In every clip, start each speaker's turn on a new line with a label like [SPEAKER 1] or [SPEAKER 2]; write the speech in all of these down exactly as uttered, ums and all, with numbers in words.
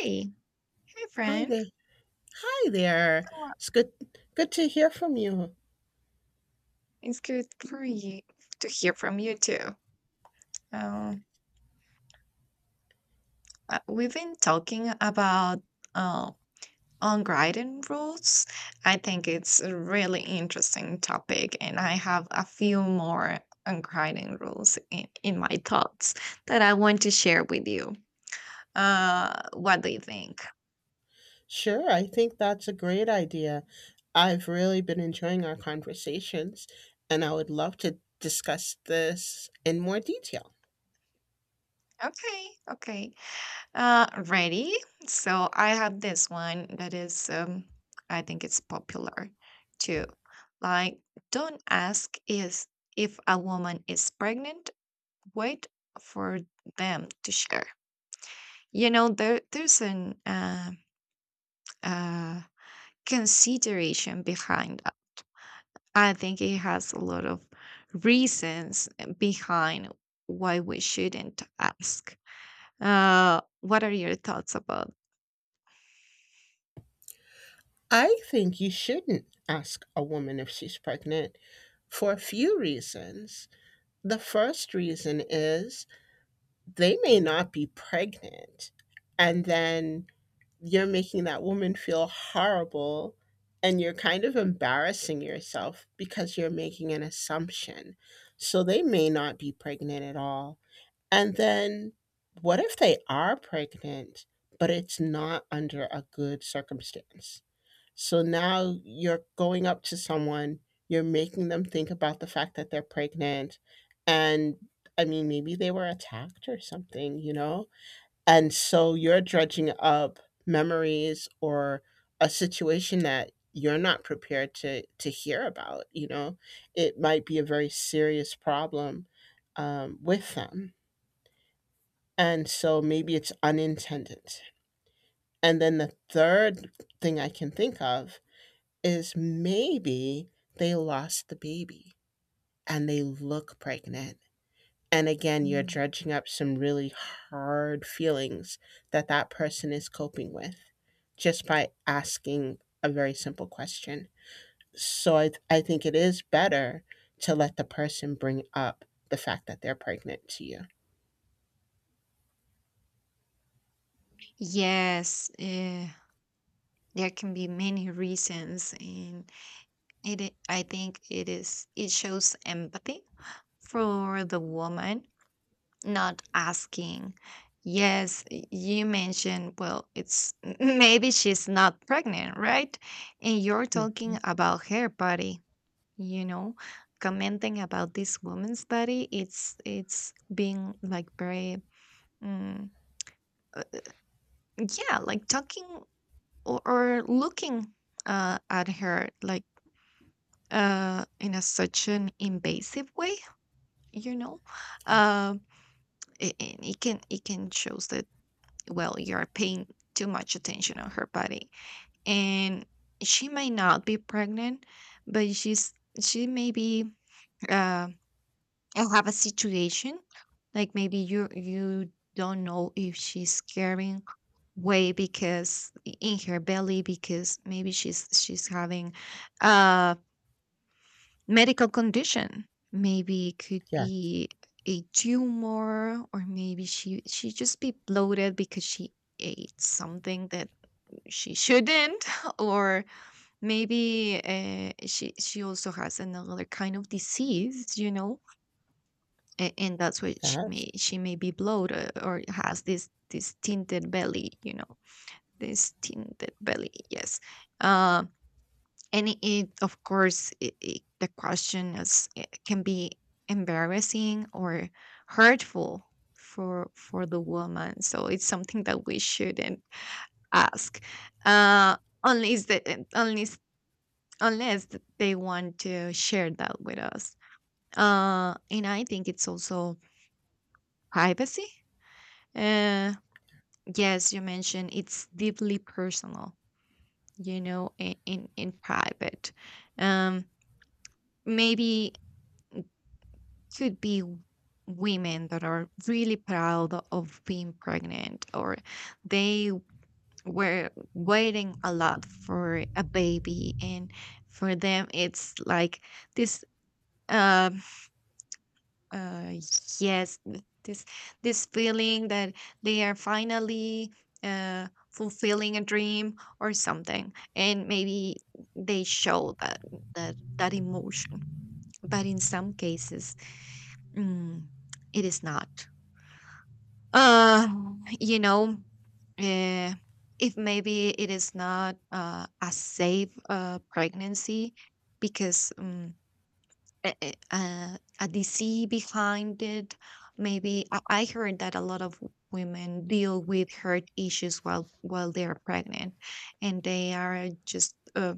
[SPEAKER 1] Hey, hey
[SPEAKER 2] Hi
[SPEAKER 1] friend.
[SPEAKER 2] there. Hi there.
[SPEAKER 1] How are-
[SPEAKER 2] It's good good to hear from you.
[SPEAKER 1] It's good for you to hear from you too. Um, uh, we've been talking about uh, unwritten rules. I think it's a really interesting topic, and I have a few more unwritten rules in, in my thoughts that I want to share with you. Uh, what do you think?
[SPEAKER 2] Sure, I think that's a great idea. I've really been enjoying our conversations and I would love to discuss this in more detail.
[SPEAKER 1] Okay, okay. Uh, ready? So I have this one that is, um, I think it's popular too. Like, don't ask is if a woman is pregnant. Wait for them to share. You know, there there's an uh, uh, consideration behind that. I think it has a lot of reasons behind why we shouldn't ask. Uh, what are your thoughts about?
[SPEAKER 2] I think you shouldn't ask a woman if she's pregnant for a few reasons. The first reason is they may not be pregnant, and then you're making that woman feel horrible and you're kind of embarrassing yourself because you're making an assumption. So they may not be pregnant at all. And then what if they are pregnant, but it's not under a good circumstance? So now you're going up to someone, you're making them think about the fact that they're pregnant. And I mean, maybe they were attacked or something, you know? And so you're dredging up memories or a situation that you're not prepared to to hear about, you know? It might be a very serious problem, um, with them. And so maybe it's unintended. And then the third thing I can think of is maybe they lost the baby and they look pregnant. And again, you're dredging up some really hard feelings that that person is coping with just by asking a very simple question. So I, th- I think it is better to let the person bring up the fact that they're pregnant to you.
[SPEAKER 1] Yes, eh, there can be many reasons, and it i- I think it is it shows empathy for the woman not asking. Yes, y- you mentioned, well, it's maybe she's not pregnant, right? And you're
[SPEAKER 2] Hmm.
[SPEAKER 1] talking about her body, you know, commenting about this woman's body. It's it's being like very mm, uh, yeah, like talking or, or looking uh, at her like uh, in a such an invasive way, you know,
[SPEAKER 2] Yeah.
[SPEAKER 1] um, it, it it can it can shows that, well, you are paying too much attention on her body, and she may not be pregnant, but she's she may be. Um, I'll have a situation like maybe you you don't know if she's carrying weight because i- in her belly, because maybe she's she's having a medical condition. Maybe it could
[SPEAKER 2] Yeah.
[SPEAKER 1] be a tumor, or maybe she she just be bloated because she ate something that she shouldn't, or maybe uh, she she also has another kind of disease, you know, a- and that's why she
[SPEAKER 2] Yes.
[SPEAKER 1] may she may be bloated, uh, or has this this tinted belly, you know, this tinted belly. Yes. uh, and it, it, of course, it, it, the question is, it can be embarrassing or hurtful for for the woman, so it's something that we shouldn't ask, uh unless the, eh, unless unless they want to share that with us. Uh and I think it's also privacy. uh, Yes, you mentioned it's deeply personal, you know, in in, in private. Um, Maybe could be w- women that are really proud of being pregnant, or they were waiting a lot for a baby, and for them it's like this. Um, Uh, yes, th- this this feeling that they are finally uh, fulfilling a dream or something, and maybe they show that, that that emotion. But in some cases, mm, it is not. Uh, you know, uh, if maybe it is not uh, a safe uh, pregnancy, because mm, a, a, a a disease behind it. Maybe I, I heard that a lot of women deal with heart issues while while they are pregnant, and they are just uh,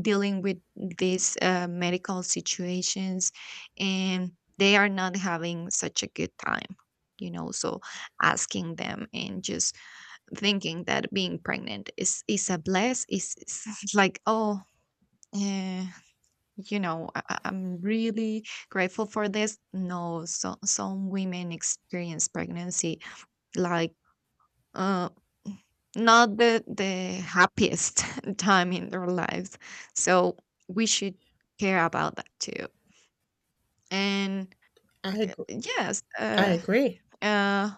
[SPEAKER 1] dealing with these uh, medical situations, and they are not having such a good time. You know, so asking them and just thinking that being pregnant is is a bless, is, is, like, oh. eh, you know, I- I- i'm really grateful for this. No, so some women experience pregnancy like, uh not the the happiest time in their lives. So we should care about that too, and
[SPEAKER 2] I agree.
[SPEAKER 1] yes.
[SPEAKER 2] I
[SPEAKER 1] uh
[SPEAKER 2] agree.
[SPEAKER 1] uh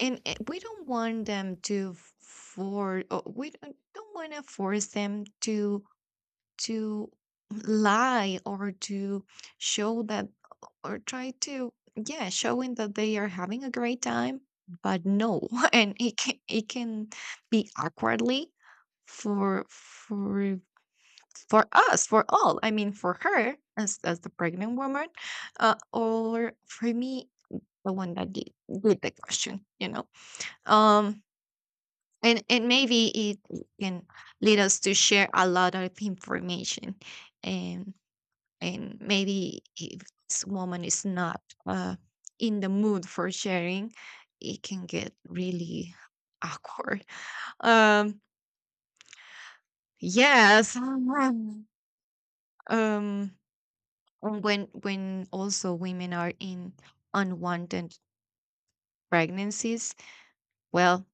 [SPEAKER 1] and uh, we don't want them to, for uh, we don't don't want to force them to to lie, or to show that, or try to, yeah, showing that they are having a great time. But no. And it can it can be awkwardly for for for us, for all. I mean, for her as as the pregnant woman, uh, or for me, the one that did, did the question, you know. um and and maybe it can lead us to share a lot of information. And maybe if this woman is not uh, in the mood for sharing, it can get really awkward. um yes um um, when when also women are in unwanted pregnancies, well,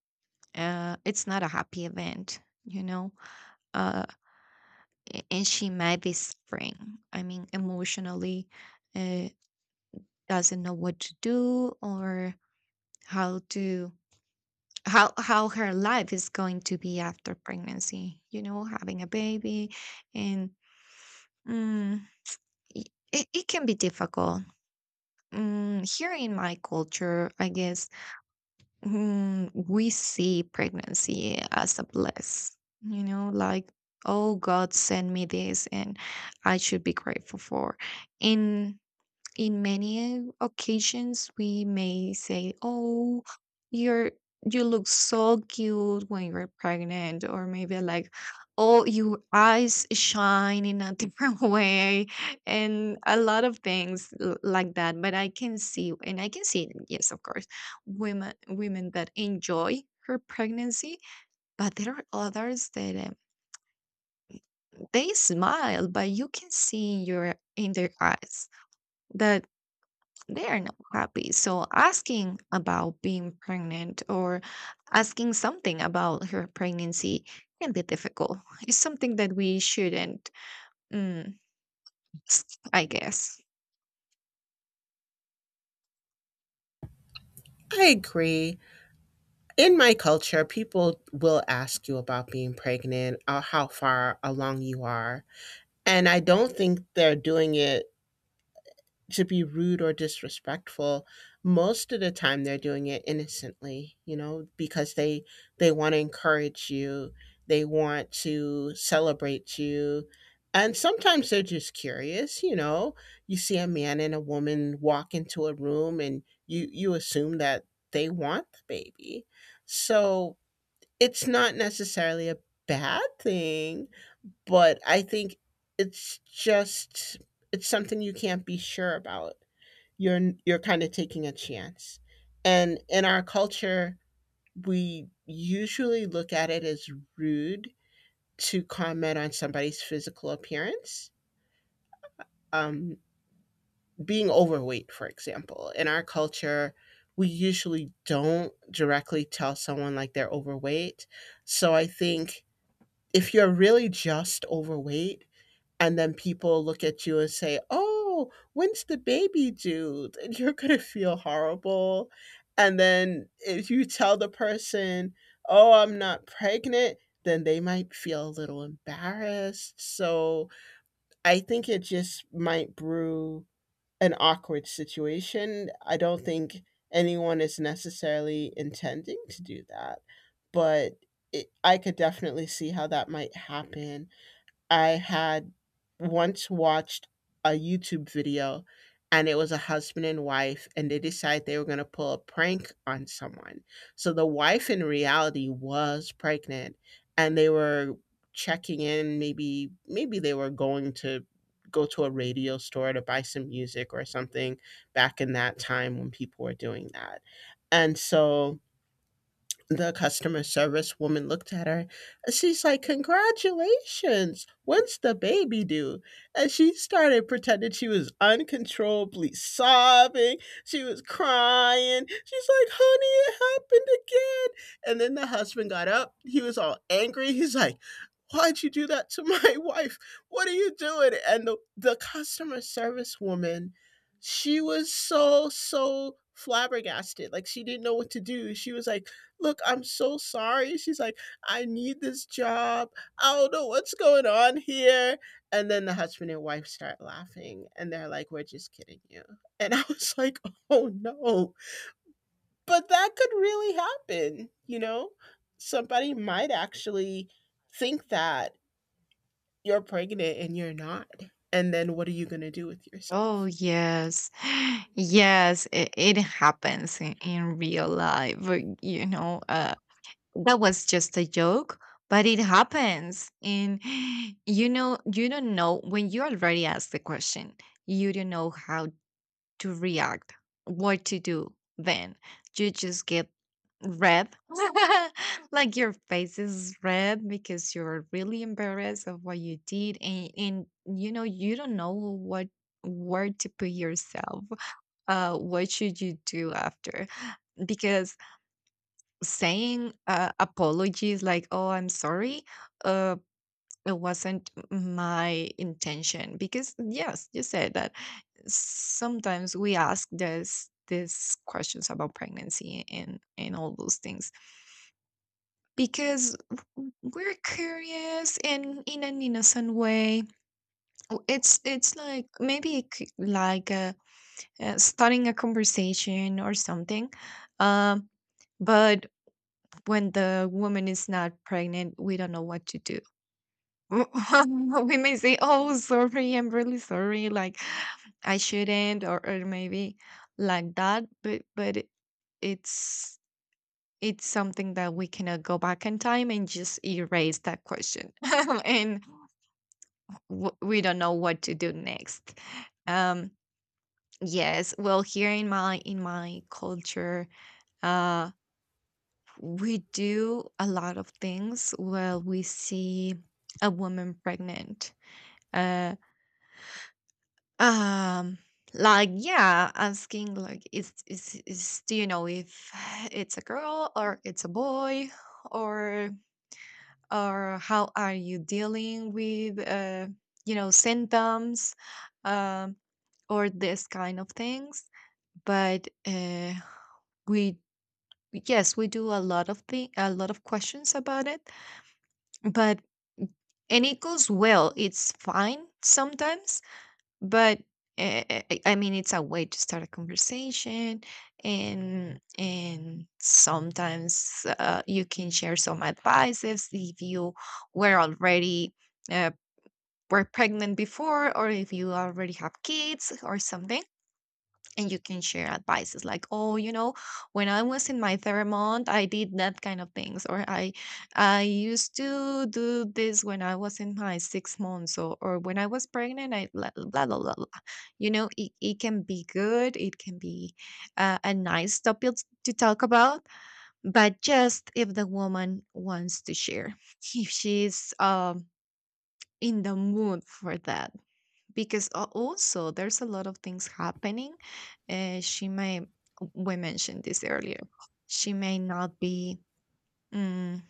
[SPEAKER 1] uh it's not a happy event, you know. uh a- and she might be suffering, I mean emotionally, uh doesn't know what to do, or how to, how how her life is going to be after pregnancy, you know, having a baby. And mm, i- it, it can be difficult. Mm, here in my culture, I guess, mm, we see pregnancy as a bliss, you know, like, oh, god sent me this, and I should be grateful for. And in many occasions we may say, oh, you're, you look so cute when you're pregnant, or maybe like, oh, your eyes shine in a different way, and a lot of things l- like that. But I can see, and I can see, yes, of course, women women that enjoy her pregnancy. But there are others that, um, they smile but you can see in your in their eyes that they are not happy. So asking about being pregnant or asking something about her pregnancy can be difficult. It's something that we shouldn't, mm, I guess.
[SPEAKER 2] I agree. In my culture, people will ask you about being pregnant or how far along you are. And I don't think they're doing it to be rude or disrespectful. Most of the time they're doing it innocently, you know, because they they want to encourage you, they want to celebrate you, and sometimes they're just curious. You know, you see a man and a woman walk into a room and you you assume that they want the baby. So it's not necessarily a bad thing, but I think it's just, it's something you can't be sure about. You're you're kind of taking a chance. And in our culture, we usually look at it as rude to comment on somebody's physical appearance. Um, Being overweight, for example, in our culture, we usually don't directly tell someone like they're overweight. So I think if you're really just overweight, and then people look at you and say, "Oh, when's the baby due?" and you're gonna feel horrible. And then if you tell the person, "Oh, I'm not pregnant," then they might feel a little embarrassed. So I think it just might brew an awkward situation. I don't think anyone is necessarily intending to do that, but it, I could definitely see how that might happen. I had once watched a YouTube video, and it was a husband and wife and they decided they were going to pull a prank on someone. So the wife in reality was pregnant, and they were checking in. Maybe maybe they were going to go to a radio store to buy some music or something back in that time when people were doing that. And so the customer service woman looked at her. She's like, "Congratulations. When's the baby due?" And she started pretending she was uncontrollably sobbing. She was crying. She's like, "Honey, it happened again." And then the husband got up. He was all angry. He's like, "Why'd you do that to my wife? What are you doing?" And the, the customer service woman, she was so, so flabbergasted. Like, she didn't know what to do. She was like, "Look, I'm so sorry." She's like, "I need this job. I don't know what's going on here." And then the husband and wife start laughing and they're like, "We're just kidding you." And I was like, "Oh no." But that could really happen, you know? Somebody might actually think that you're pregnant and you're not. And then what are you going to do with
[SPEAKER 1] Oh,
[SPEAKER 2] yourself?
[SPEAKER 1] yes. Yes, it, it happens in, in real life. But, you know, uh, that was just a joke, but it happens. And, you know, you don't know when you already asked the question, you don't know how to react, what to do then. You just get red, like your face is red because you're really embarrassed of what you did, and, and you know, you don't know what, where to put yourself, uh what should you do after, because saying, uh, apologies, like, oh, I'm sorry, uh it wasn't my intention, because yes, you said that sometimes we ask this these questions about pregnancy and and all those things because w- we're curious and in an innocent way. W- it's it's like maybe it c- like, uh, uh, starting a conversation or something. um but when the woman is not pregnant we don't know what to do. We may say, "Oh, sorry, I'm really sorry. Like, I shouldn't," or, or maybe like that. But but it- it's it's something that we cannot go back in time and just erase that question, and w- we don't know what to do next. Um, yes, well, here in my in my culture, uh, we do a lot of things. Well, we see a woman pregnant. uh, Um, like, yeah, asking like, is is is do you know if it's a girl or it's a boy, or or how are you dealing with, uh you know, symptoms, um or this kind of things. But uh we, yes, we do a lot of thing a lot of questions about it. But and it goes well. It's fine sometimes, but eh, eh, eh, I mean, it's a way to start a conversation, and and sometimes uh, you can share some advices if you were already uh, were pregnant before, or if you already have kids or something, and you can share advices like, oh, you know, when I was in my third month I did that kind of things, or i I used to do this when I was in my six months, or, or when I was pregnant I blah blah blah, blah, blah. You know, it, it can be good, it can be uh, a nice topic to talk about, but just if the woman wants to share. If she's, um in the mood for that, because al- also there's a lot of things happening. Uh, she may, we mentioned this earlier. She may not be mm,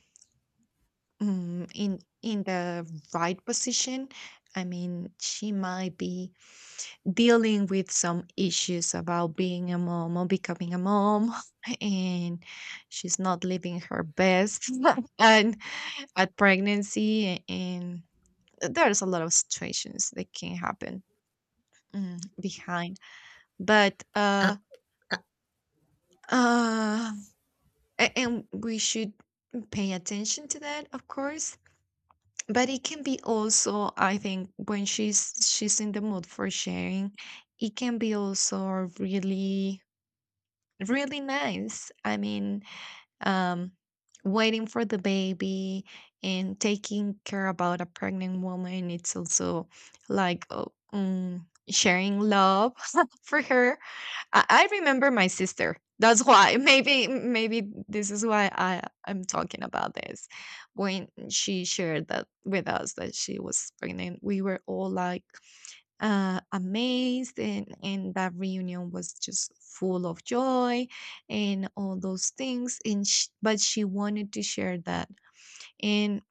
[SPEAKER 1] mm, in in the right position. I mean, she might be dealing with some issues about being a mom or becoming a mom, and she's not living her best and at pregnancy, and there's a lot of situations that can happen mm, behind. But,
[SPEAKER 2] I,
[SPEAKER 1] uh, uh, a and we should pay attention to that, of course. But it can be also, I think, when she's she's in the mood for sharing, it can be also really, really nice. I mean, um, waiting for the baby and taking care about a pregnant woman, it's also like, oh, mm, sharing love for her. I, I remember my sister. That's why. Maybe maybe this is why I am talking about this. When she shared that with us that she was pregnant, we were all like, uh, amazed, and and that reunion was just full of joy and all those things. And sh- but she wanted to share that, and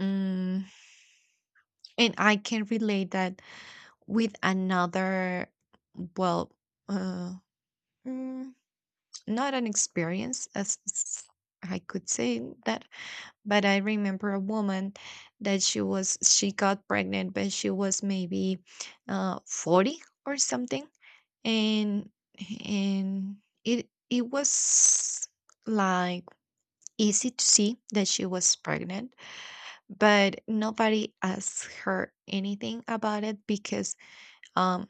[SPEAKER 1] um, and I can relate that with another. Well, uh, mm, not an experience as s- I could say that, but I remember a woman that she was she got pregnant, but she was maybe uh, forty or something, and and it it was like easy to see that she was pregnant, but nobody asked her anything about it because um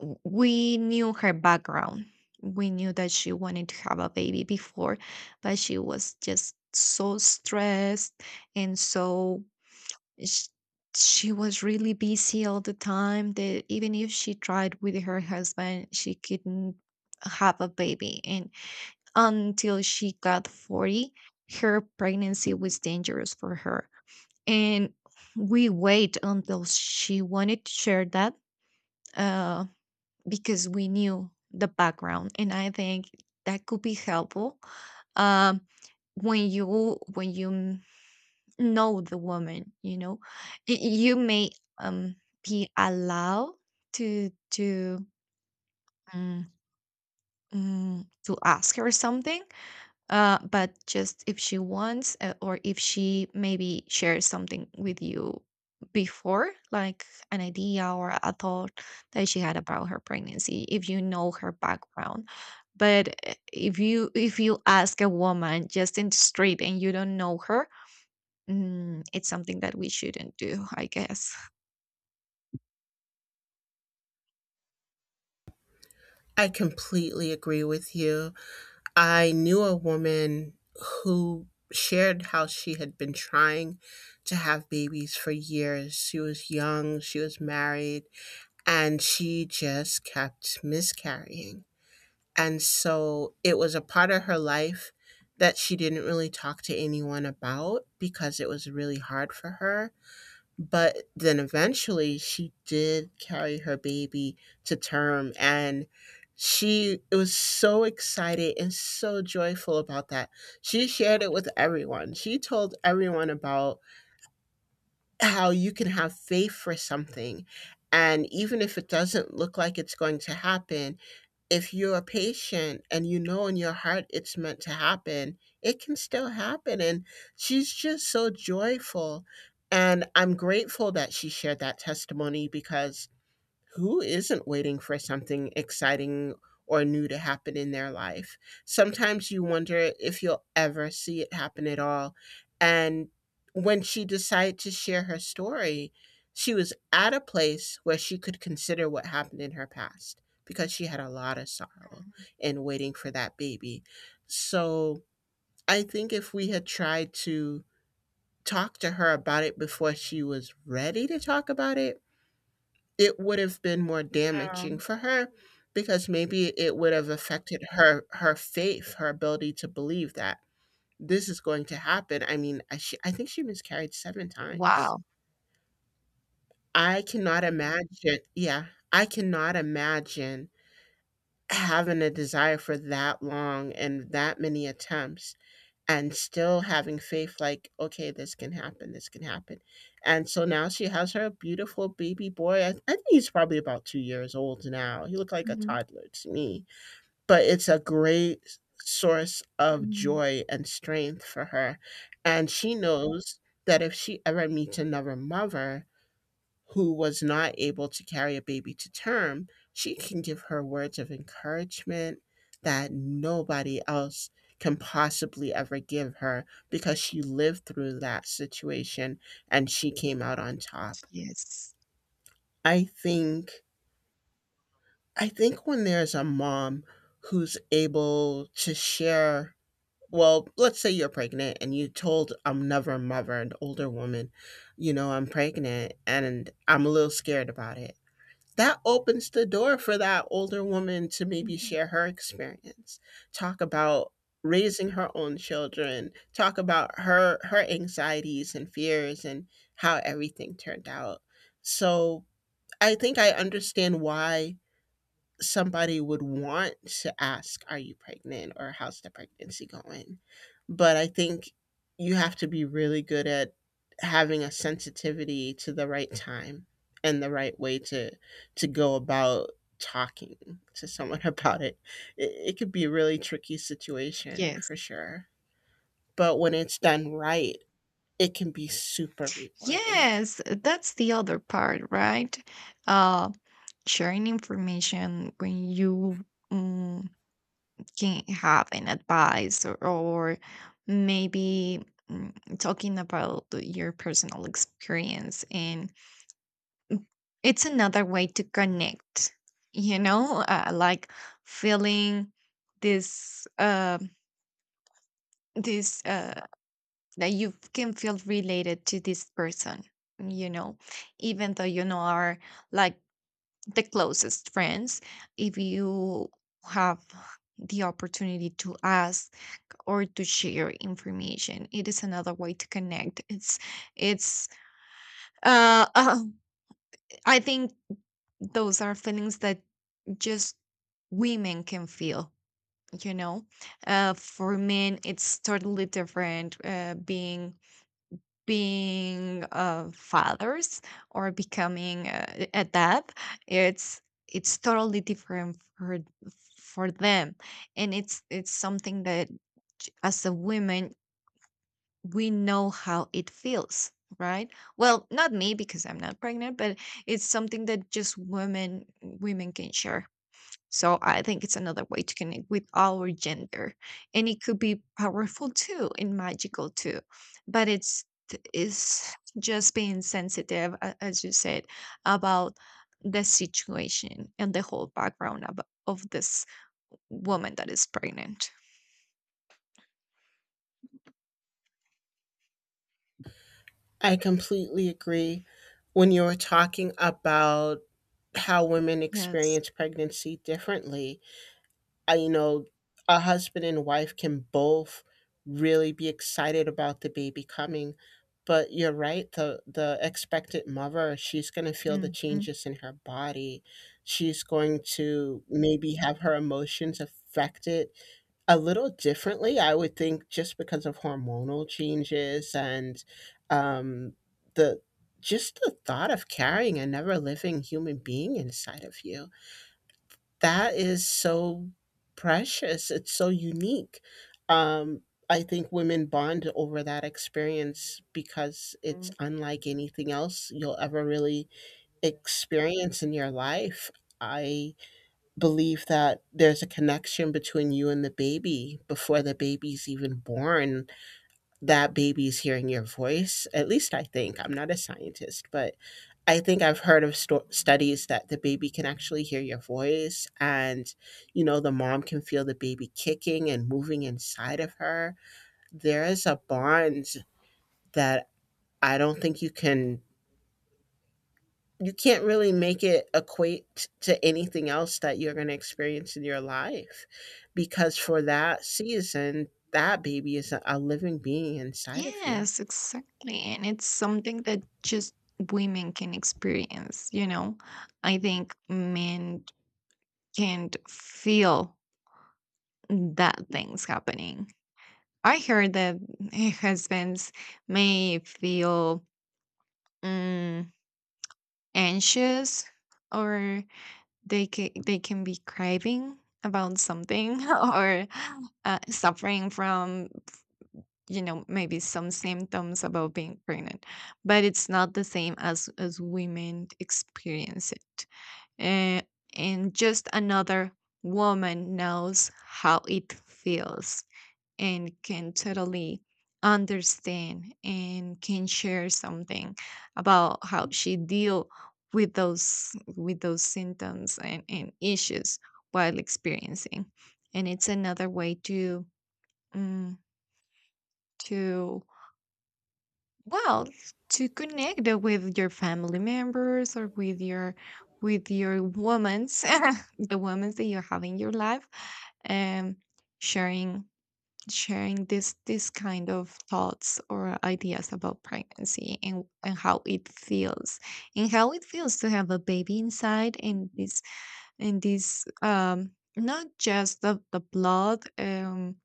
[SPEAKER 1] w- we knew her background. We knew that she wanted to have a baby before, but she was just so stressed and so sh- she was really busy all the time that even if she tried with her husband, she couldn't have a baby. And until she got forty, her pregnancy was dangerous for her. And we wait until she wanted to share that. Uh, because we knew the background and I think that could be helpful, um, when you when you m- know the woman, you know, y- you may, um, be allowed to to, um, mm, to ask her something, uh, but just if she wants, uh, or if she maybe shares something with you before, like an idea or a thought that she had about her pregnancy, if you know her background. But uh, if you if you ask a woman just in the street and you don't know her, mm, it's something that we shouldn't do, I guess.
[SPEAKER 2] I completely agree with you. I knew a woman who shared how she had been trying to have babies for years. She was young, she was married, and she just kept miscarrying. And so it was a part of her life that she didn't really talk to anyone about because it was really hard for her. But then eventually she did carry her baby to term, and she it was so excited and so joyful about that. She shared it with everyone. She told everyone about how you can have faith for something. And even if it doesn't look like it's going to happen, if you're a patient and you know in your heart it's meant to happen, it can still happen. And she's just so joyful. And I'm grateful that she shared that testimony because who isn't waiting for something exciting or new to happen in their life? Sometimes you wonder if you'll ever see it happen at all. And when she decided to share her story, she was at a place where she could consider what happened in her past because she had a lot of sorrow in waiting for that baby. So I think if we had tried to talk to her about it before she was ready to talk about it, it would have been more
[SPEAKER 1] Yeah.
[SPEAKER 2] damaging for her, because maybe it would have affected her her faith, her ability to believe that this is going to happen. I mean i, she, I think she miscarried seven times.
[SPEAKER 1] Wow.
[SPEAKER 2] I cannot imagine. Yeah, I cannot imagine having a desire for that long and that many attempts and still having faith like, okay, this can happen, this can happen. And so now she has her beautiful baby boy. I, I think he's probably about two years old now. He looked like a
[SPEAKER 1] Mhm.
[SPEAKER 2] toddler to me, but it's a great source of
[SPEAKER 1] Mhm.
[SPEAKER 2] joy and strength for her. And she knows that if she ever meets another mother who was not able to carry a baby to term, she can give her words of encouragement that nobody else can possibly ever give her because she lived through that situation and she came out on top.
[SPEAKER 1] Yes.
[SPEAKER 2] I think, I think when there's a mom who's able to share, well, let's say you're pregnant and you told another mother, an older woman, you know, "I'm pregnant and I'm a little scared about it," that opens the door for that older woman to maybe
[SPEAKER 1] Mhm.
[SPEAKER 2] share her experience, talk about raising her own children, talk about her her anxieties and fears and how everything turned out. So I think I understand why somebody would want to ask, "Are you pregnant?" or "How's the pregnancy going?" But I think you have to be really good at having a sensitivity to the right time and the right way to to go about talking to someone about it. It, it could be a really tricky situation
[SPEAKER 1] Yes.
[SPEAKER 2] for sure. But when it's done right, it can be super rewarding.
[SPEAKER 1] Yes, that's the other part, right? Uh, Sharing information when you, mm, can have an advice, or, or maybe, mm, talking about your personal experience, and it's another way to connect, you know, uh, like feeling this uh, this uh, that you can feel related to this person, you know, even though you know are like the closest friends. If you have the opportunity to ask or to share information, it is another way to connect. It's it's uh, uh I think those are feelings that just women can feel, you know. Uh for men it's totally different. uh being being uh, fathers or becoming uh, e, a dad, it's it's totally different for for them. And it's it's something that, j- as a woman, we know how it feels, right? Well, not me because I'm not pregnant, but it's something that just women women can share. So I think it's another way to connect with our gender. And it could be powerful too and magical too. But it's is just being sensitive, a- as you said, about the situation and the whole background of, of this woman that is pregnant.
[SPEAKER 2] I completely agree. When you were talking about how women
[SPEAKER 1] Yes.
[SPEAKER 2] experience pregnancy differently. I, you know, a husband and wife can both really be excited about the baby coming, but you're right. The the expectant mother, she's going to feel the
[SPEAKER 1] Mhm.
[SPEAKER 2] changes in her body. She's going to maybe have her emotions affected a little differently, I would think, just because of hormonal changes and um, the just the thought of carrying a never living human being inside of you. That is so precious. It's so unique. Um, I think women bond over that experience because it's unlike anything else you'll ever really experience in your life. I believe that there's a connection between you and the baby before the baby's even born. That baby's hearing your voice. At least I think. I'm not a scientist, but I think I've heard of sto- studies that the baby can actually hear your voice. And, you know, the mom can feel the baby kicking and moving inside of her. There is a bond that I don't think you can you can't really make it equate to anything else that you're going to experience in your life, because for that season that baby is a living being inside of you.
[SPEAKER 1] Yes, exactly. And it's something that just women can experience, you know. I think men can't feel that thing's happening. I heard that eh, husbands may feel, mm, anxious, or they can they can be craving about something, or uh, suffering from, you know, maybe some symptoms about being pregnant. But it's not the same as as women experience it. Eh, and just another woman knows how it feels and can totally understand and can share something about how she deal with those with those symptoms and, and issues while experiencing. And it's another way to, mm, to well to connect with your family members or with your with your women's, the women's that you have in your life. um sharing sharing this, this kind of thoughts or ideas about pregnancy, and and how it feels, and how it feels to have a baby inside, and this and this um not just the the blood, um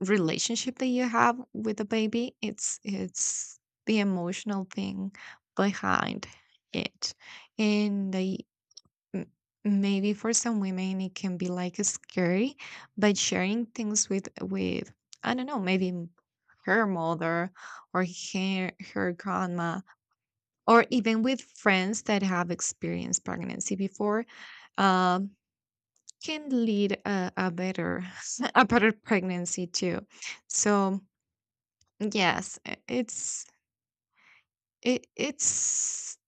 [SPEAKER 1] relationship that you have with the baby. It's it's the emotional thing behind it. And the m- maybe for some women it can be like scary, but sharing things with with I don't know, maybe m- her mother, or her, her grandma, or even with friends that have experienced pregnancy before. um, can lead a, a better, a better pregnancy too. So yes, i- it's it, it's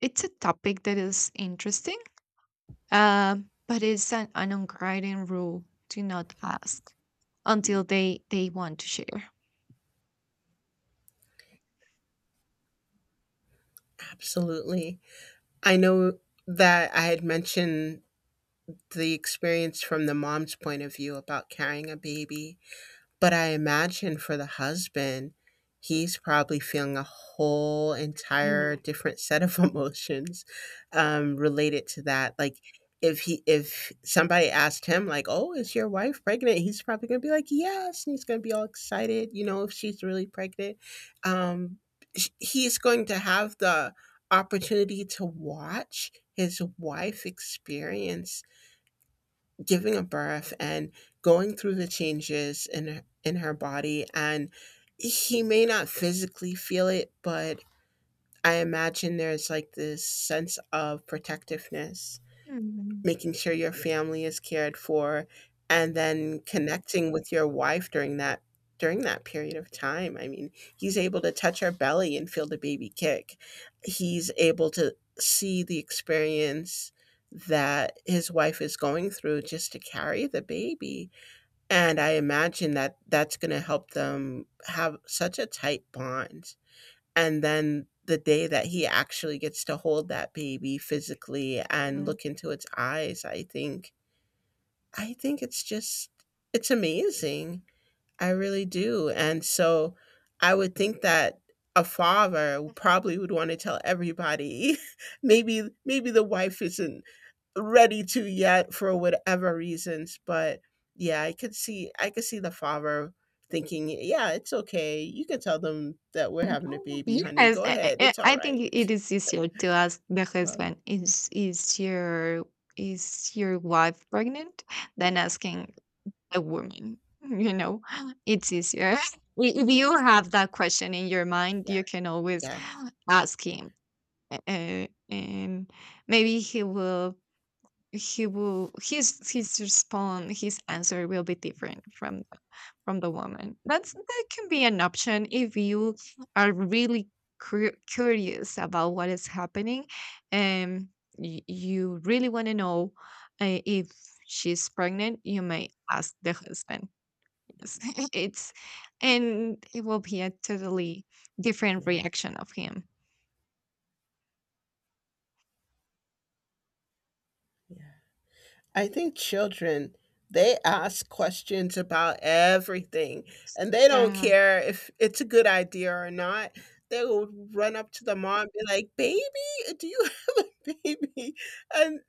[SPEAKER 1] it's a topic that is interesting. Um, but it's an, an unwritten rule to not ask until they they want to share.
[SPEAKER 2] Absolutely. I know that I had mentioned the experience from the mom's point of view about carrying a baby. But I imagine for the husband, he's probably feeling a whole entire
[SPEAKER 1] Mhm,
[SPEAKER 2] different set of emotions, um, related to that. Like if he, if somebody asked him like, "Oh, is your wife pregnant?" he's probably gonna be like, "Yes," and he's gonna be all excited, you know, if she's really pregnant. Um, sh- he's going to have the opportunity to watch his wife experience giving a birth, and going through the changes in in her body, and he may not physically feel it, but I imagine there's like this sense of protectiveness,
[SPEAKER 1] mhm,
[SPEAKER 2] making sure your family is cared for, and then connecting with your wife during that during that period of time. I mean, he's able to touch her belly and feel the baby kick. He's able to see the experience that his wife is going through just to carry the baby. And I imagine that that's going to help them have such a tight bond. And then the day that he actually gets to hold that baby physically and
[SPEAKER 1] mhm.
[SPEAKER 2] look into its eyes, i think i think it's just it's amazing. I really do. And so I would think that a father probably would want to tell everybody. maybe maybe the wife isn't ready to yet for whatever reasons, but yeah, i could see i could see the father thinking, yeah, it's okay, you can tell them that we're having a baby, honey,
[SPEAKER 1] Yes,
[SPEAKER 2] go
[SPEAKER 1] I, I
[SPEAKER 2] ahead,
[SPEAKER 1] I-
[SPEAKER 2] it's all
[SPEAKER 1] I
[SPEAKER 2] right.
[SPEAKER 1] think i- it is easier to ask the
[SPEAKER 2] um,
[SPEAKER 1] husband, is is your is your wife pregnant, than asking a woman. You know, it's easier. I- If you have that question in your mind,
[SPEAKER 2] yeah.
[SPEAKER 1] you can always
[SPEAKER 2] Yes.
[SPEAKER 1] ask him. Uh, and maybe he will he will, his his response, his answer will be different from the, from the woman. That's that can be an option if you are really cur- curious about what is happening, and y- you really want to know, uh, if she's pregnant, you may ask the husband. Yes. it's And it will be a totally different
[SPEAKER 2] Yeah.
[SPEAKER 1] reaction of him.
[SPEAKER 2] Yeah. I think children, they ask questions about everything, and they don't
[SPEAKER 1] Yeah,
[SPEAKER 2] care if it's a good idea or not. They will run up to the mom and be like, "Baby, do you have a baby?" And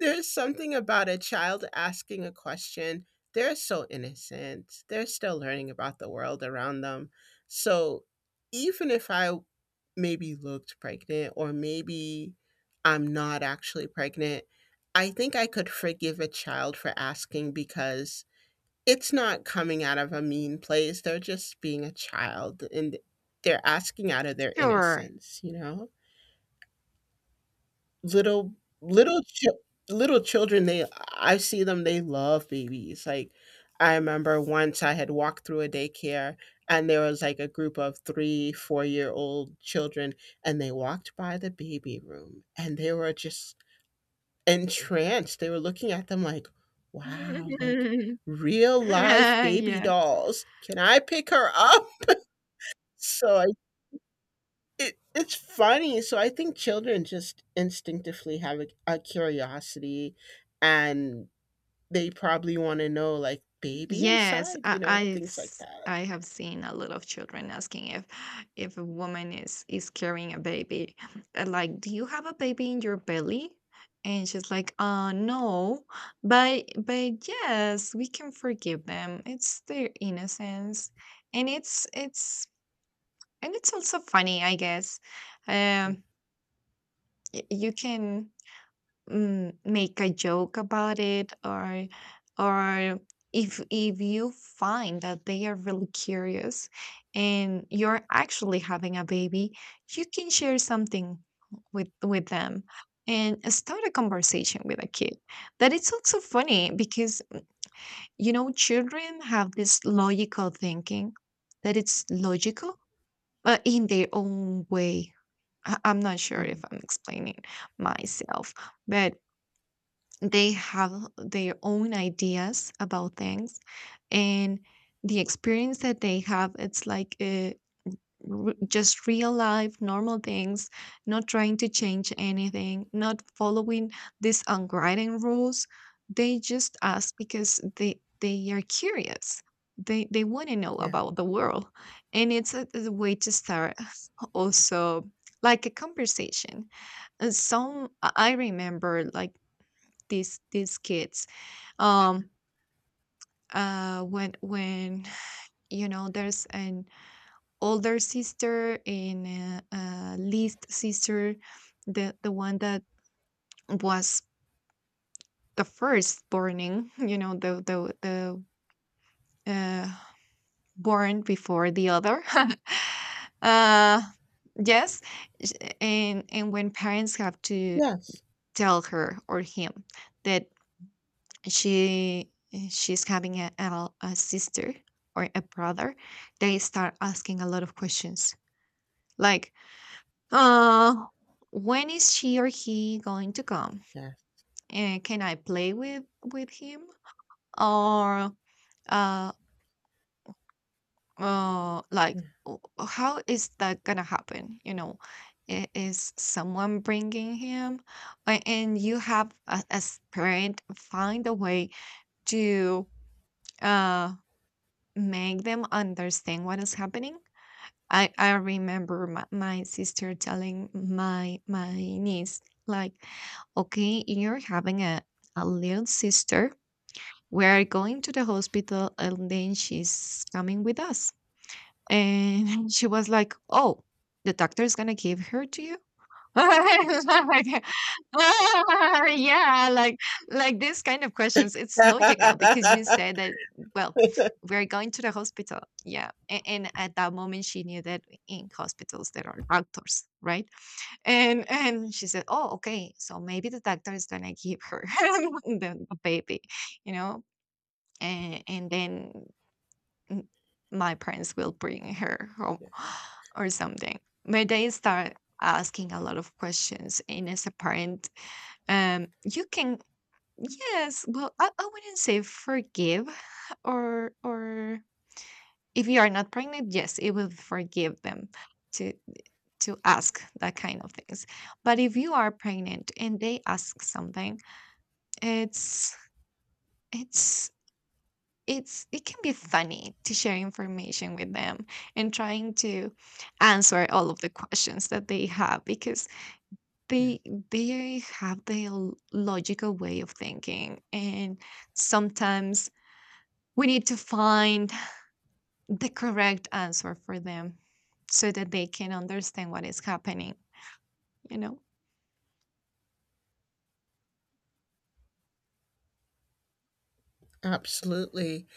[SPEAKER 2] there's something about a child asking a question. They're so innocent. They're still learning about the world around them. So even if I maybe looked pregnant, or maybe I'm not actually pregnant, I think I could forgive a child for asking, because it's not coming out of a mean place. They're just being a child, and they're asking out of their
[SPEAKER 1] sure.
[SPEAKER 2] innocence, you know? little little chil- little children, they, I see them, they love babies. Like, I remember once I had walked through a daycare, and there was like a group of three four year old children, and they walked by the baby room, and they were just entranced. They were looking at them like, wow, like real live baby
[SPEAKER 1] Yeah.
[SPEAKER 2] dolls, can I pick her up? So it it's funny. So I think children just instinctively have a, a curiosity, and they probably want to know, like, baby
[SPEAKER 1] Yes,
[SPEAKER 2] inside, you
[SPEAKER 1] I,
[SPEAKER 2] know,
[SPEAKER 1] I've
[SPEAKER 2] things like
[SPEAKER 1] s-
[SPEAKER 2] that.
[SPEAKER 1] I have seen a lot of children asking if if a woman is is carrying a baby. Uh, like, do you have a baby in your belly? And she's like, uh, no, but but yes, we can forgive them. It's their innocence, and it's it's and it's also funny, I guess. Um, y- you can, mm, make a joke about it, or or if if you find that they are really curious and you're actually having a baby, you can share something with with them, and start a conversation with a kid. That it's also funny because, you know, children have this logical thinking, that it's logical but in their own way. I- I'm not sure
[SPEAKER 2] Mm,
[SPEAKER 1] if I'm explaining myself. But they have their own ideas about things, and the experience that they have, it's like, uh, r- just real life normal things, not trying to change anything, not following these unwritten rules. They just ask because they they are curious, they they want to know
[SPEAKER 2] yeah.
[SPEAKER 1] about the world. And it's a, a way to start also like a conversation. Uh, some, i I remember, like, these these kids, um, uh, when when you know, there's an older sister and a, a least sister, the the one that was the first burning, you know, the the the uh, born before the other. uh, yes, sh- and and when parents have to
[SPEAKER 2] Yes.
[SPEAKER 1] tell her or him that she she's having a, a, a sister or a brother, they start asking a lot of questions. Like, uh when is she or he going to come,
[SPEAKER 2] Yes.
[SPEAKER 1] uh, can I play with with him, or, uh, uh
[SPEAKER 2] Yeah.
[SPEAKER 1] like w- how is that gonna happen, you know? I- is someone bringing him? A- and you have, a- as parent, find a way to, uh make them understand what is happening. I, I remember my, my sister telling my my niece, like, okay, you're having a, a little sister, we are going to the hospital and then she's coming with us. And she was like, oh, the doctor is gonna give her to you. Like, "Ah, yeah," like like this kind of questions, it's logical because you said that, well, we're going to the hospital. Yeah. And, and at that moment she knew that in hospitals there are doctors, right? And and she said, oh, okay, so maybe the doctor is gonna give her, the baby, you know? And and then, m- my parents will bring her home,
[SPEAKER 2] Yeah.
[SPEAKER 1] or something. But they start asking a lot of questions. And as a parent, um, you can, yes, well, I, I wouldn't say forgive, or, or if you are not pregnant, yes, it will forgive them to, to ask that kind of things. But if you are pregnant and they ask something, it's, it's it's it can be funny to share information with them, and trying to answer all of the questions that they have, because
[SPEAKER 2] Yeah.
[SPEAKER 1] they they have their l- logical way of thinking, and sometimes we need to find the correct answer for them, so that they can understand what is happening, you know.
[SPEAKER 2] Absolutely.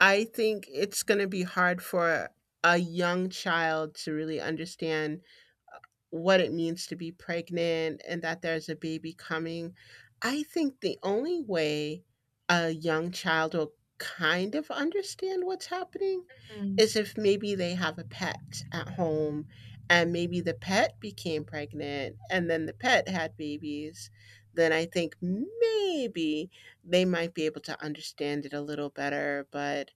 [SPEAKER 2] I think it's going to be hard for a young child to really understand what it means to be pregnant and that there's a baby coming. I think the only way a young child will kind of understand what's happening
[SPEAKER 1] Mm.
[SPEAKER 2] is if maybe they have a pet at home, and maybe the pet became pregnant, and then the pet had babies. Then I think maybe they might be able to understand it a little better. But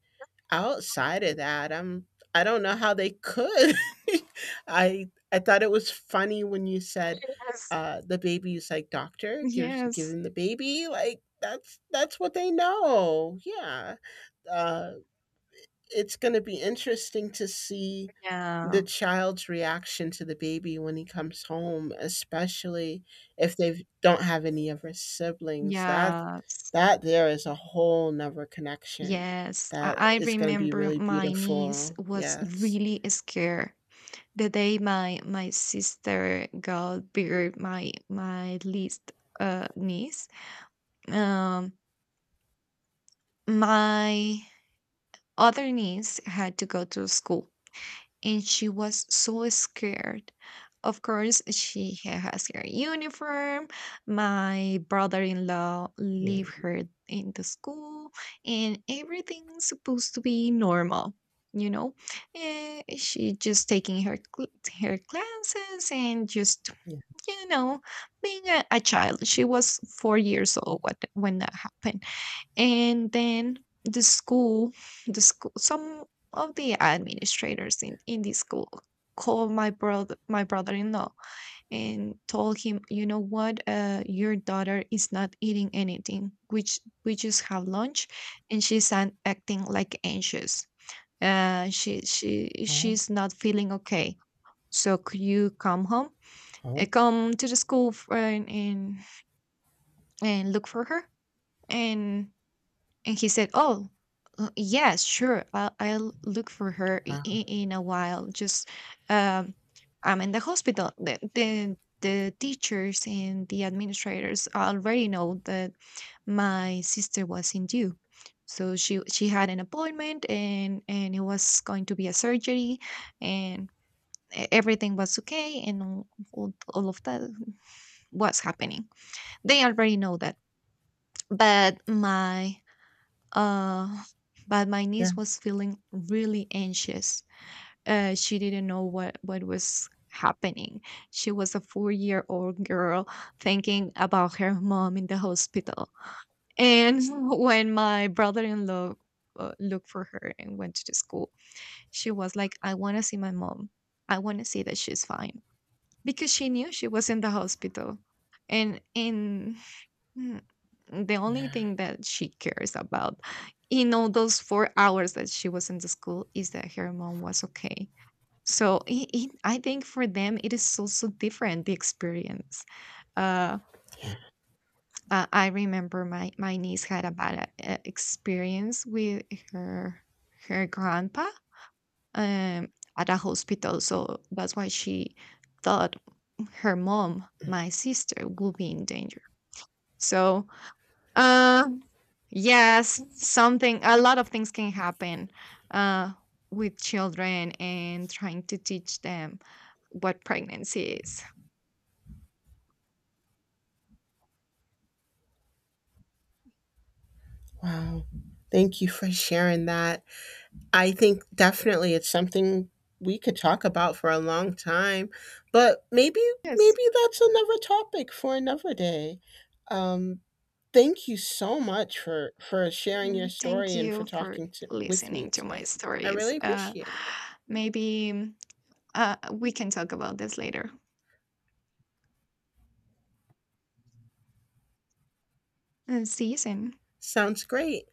[SPEAKER 2] outside of that, I'm I don't know how they could. I I thought it was funny when you said,
[SPEAKER 1] Yes.
[SPEAKER 2] uh, the baby's like, doctor gives
[SPEAKER 1] Yes.
[SPEAKER 2] giving the baby, like, that's that's what they know. Yeah. Uh, it's going to be interesting to see the
[SPEAKER 1] Yeah.
[SPEAKER 2] child's reaction to the baby when he comes home, especially if they don't have any of his siblings. That
[SPEAKER 1] Yes.
[SPEAKER 2] that there is a whole nother connection
[SPEAKER 1] Yes,
[SPEAKER 2] that
[SPEAKER 1] I, I
[SPEAKER 2] is going to be
[SPEAKER 1] remember
[SPEAKER 2] really
[SPEAKER 1] my niece
[SPEAKER 2] beautiful.
[SPEAKER 1] was
[SPEAKER 2] Yes.
[SPEAKER 1] really scared the day my my sister got bigger, my my least, uh, niece. Um, my other niece had to go to school, and she was so scared. Of course, she ha- has her uniform. My brother-in-law leave
[SPEAKER 2] Mhm.
[SPEAKER 1] her in the school, and everything's supposed to be normal. You know, Eh, she just taking her cl- her classes and just,
[SPEAKER 2] Yeah.
[SPEAKER 1] you know, being a, a child. She was four years old what, when that happened. And then the school, the school, some of the administrators in, in the school called my brother, my brother-in-law, and told him, you know what, uh, your daughter is not eating anything. Which we just have lunch, and she's an- acting like anxious. Uh, she she
[SPEAKER 2] Oh.
[SPEAKER 1] she's not feeling okay. So could you come home? Uh,
[SPEAKER 2] Oh.
[SPEAKER 1] come to the school, f- and and and look for her. and And he said, "Oh, uh, yes, sure. I'll, I'll look for her i-
[SPEAKER 2] Wow.
[SPEAKER 1] i- in a while. Just um, I'm in the hospital." The, the the teachers and the administrators already know that my sister was in due, so she she had an appointment, and and it was going to be a surgery, and, e- everything was okay, and all, all all of that was happening. They already know that, but my uh, but my
[SPEAKER 2] Yeah.
[SPEAKER 1] niece was feeling really anxious. Uh, she didn't know what what was happening. She was a four year old girl thinking about her mom in the hospital. And when my brother in law uh, looked for her and went to the school, she was like, "I want to see my mom. I want to see that she's fine," because she knew she was in the hospital. And in the only
[SPEAKER 2] Yeah.
[SPEAKER 1] thing that she cares about in all those four hours that she was in the school is that her mom was okay. So i i I think for them it is also different the experience. Uh, uh, I remember my my niece had a bad uh, experience with her, her grandpa, um, at a hospital, so that's why she thought her mom, my sister, will be in danger. So, Uh, yes, something, a lot of things can happen uh, with children and trying to teach them what pregnancy is.
[SPEAKER 2] Wow. Thank you for sharing that. I think definitely it's something we could talk about for a long time, but maybe
[SPEAKER 1] Yes.
[SPEAKER 2] maybe that's another topic for another day. Um, Thank you so much for for sharing your
[SPEAKER 1] Mm, thank
[SPEAKER 2] story and for
[SPEAKER 1] you for
[SPEAKER 2] talking to with me
[SPEAKER 1] listening to my
[SPEAKER 2] today. I
[SPEAKER 1] stories.
[SPEAKER 2] really
[SPEAKER 1] Uh,
[SPEAKER 2] appreciate it.
[SPEAKER 1] maybe uh, we can talk about this later. Uh, see you soon.
[SPEAKER 2] Sounds great.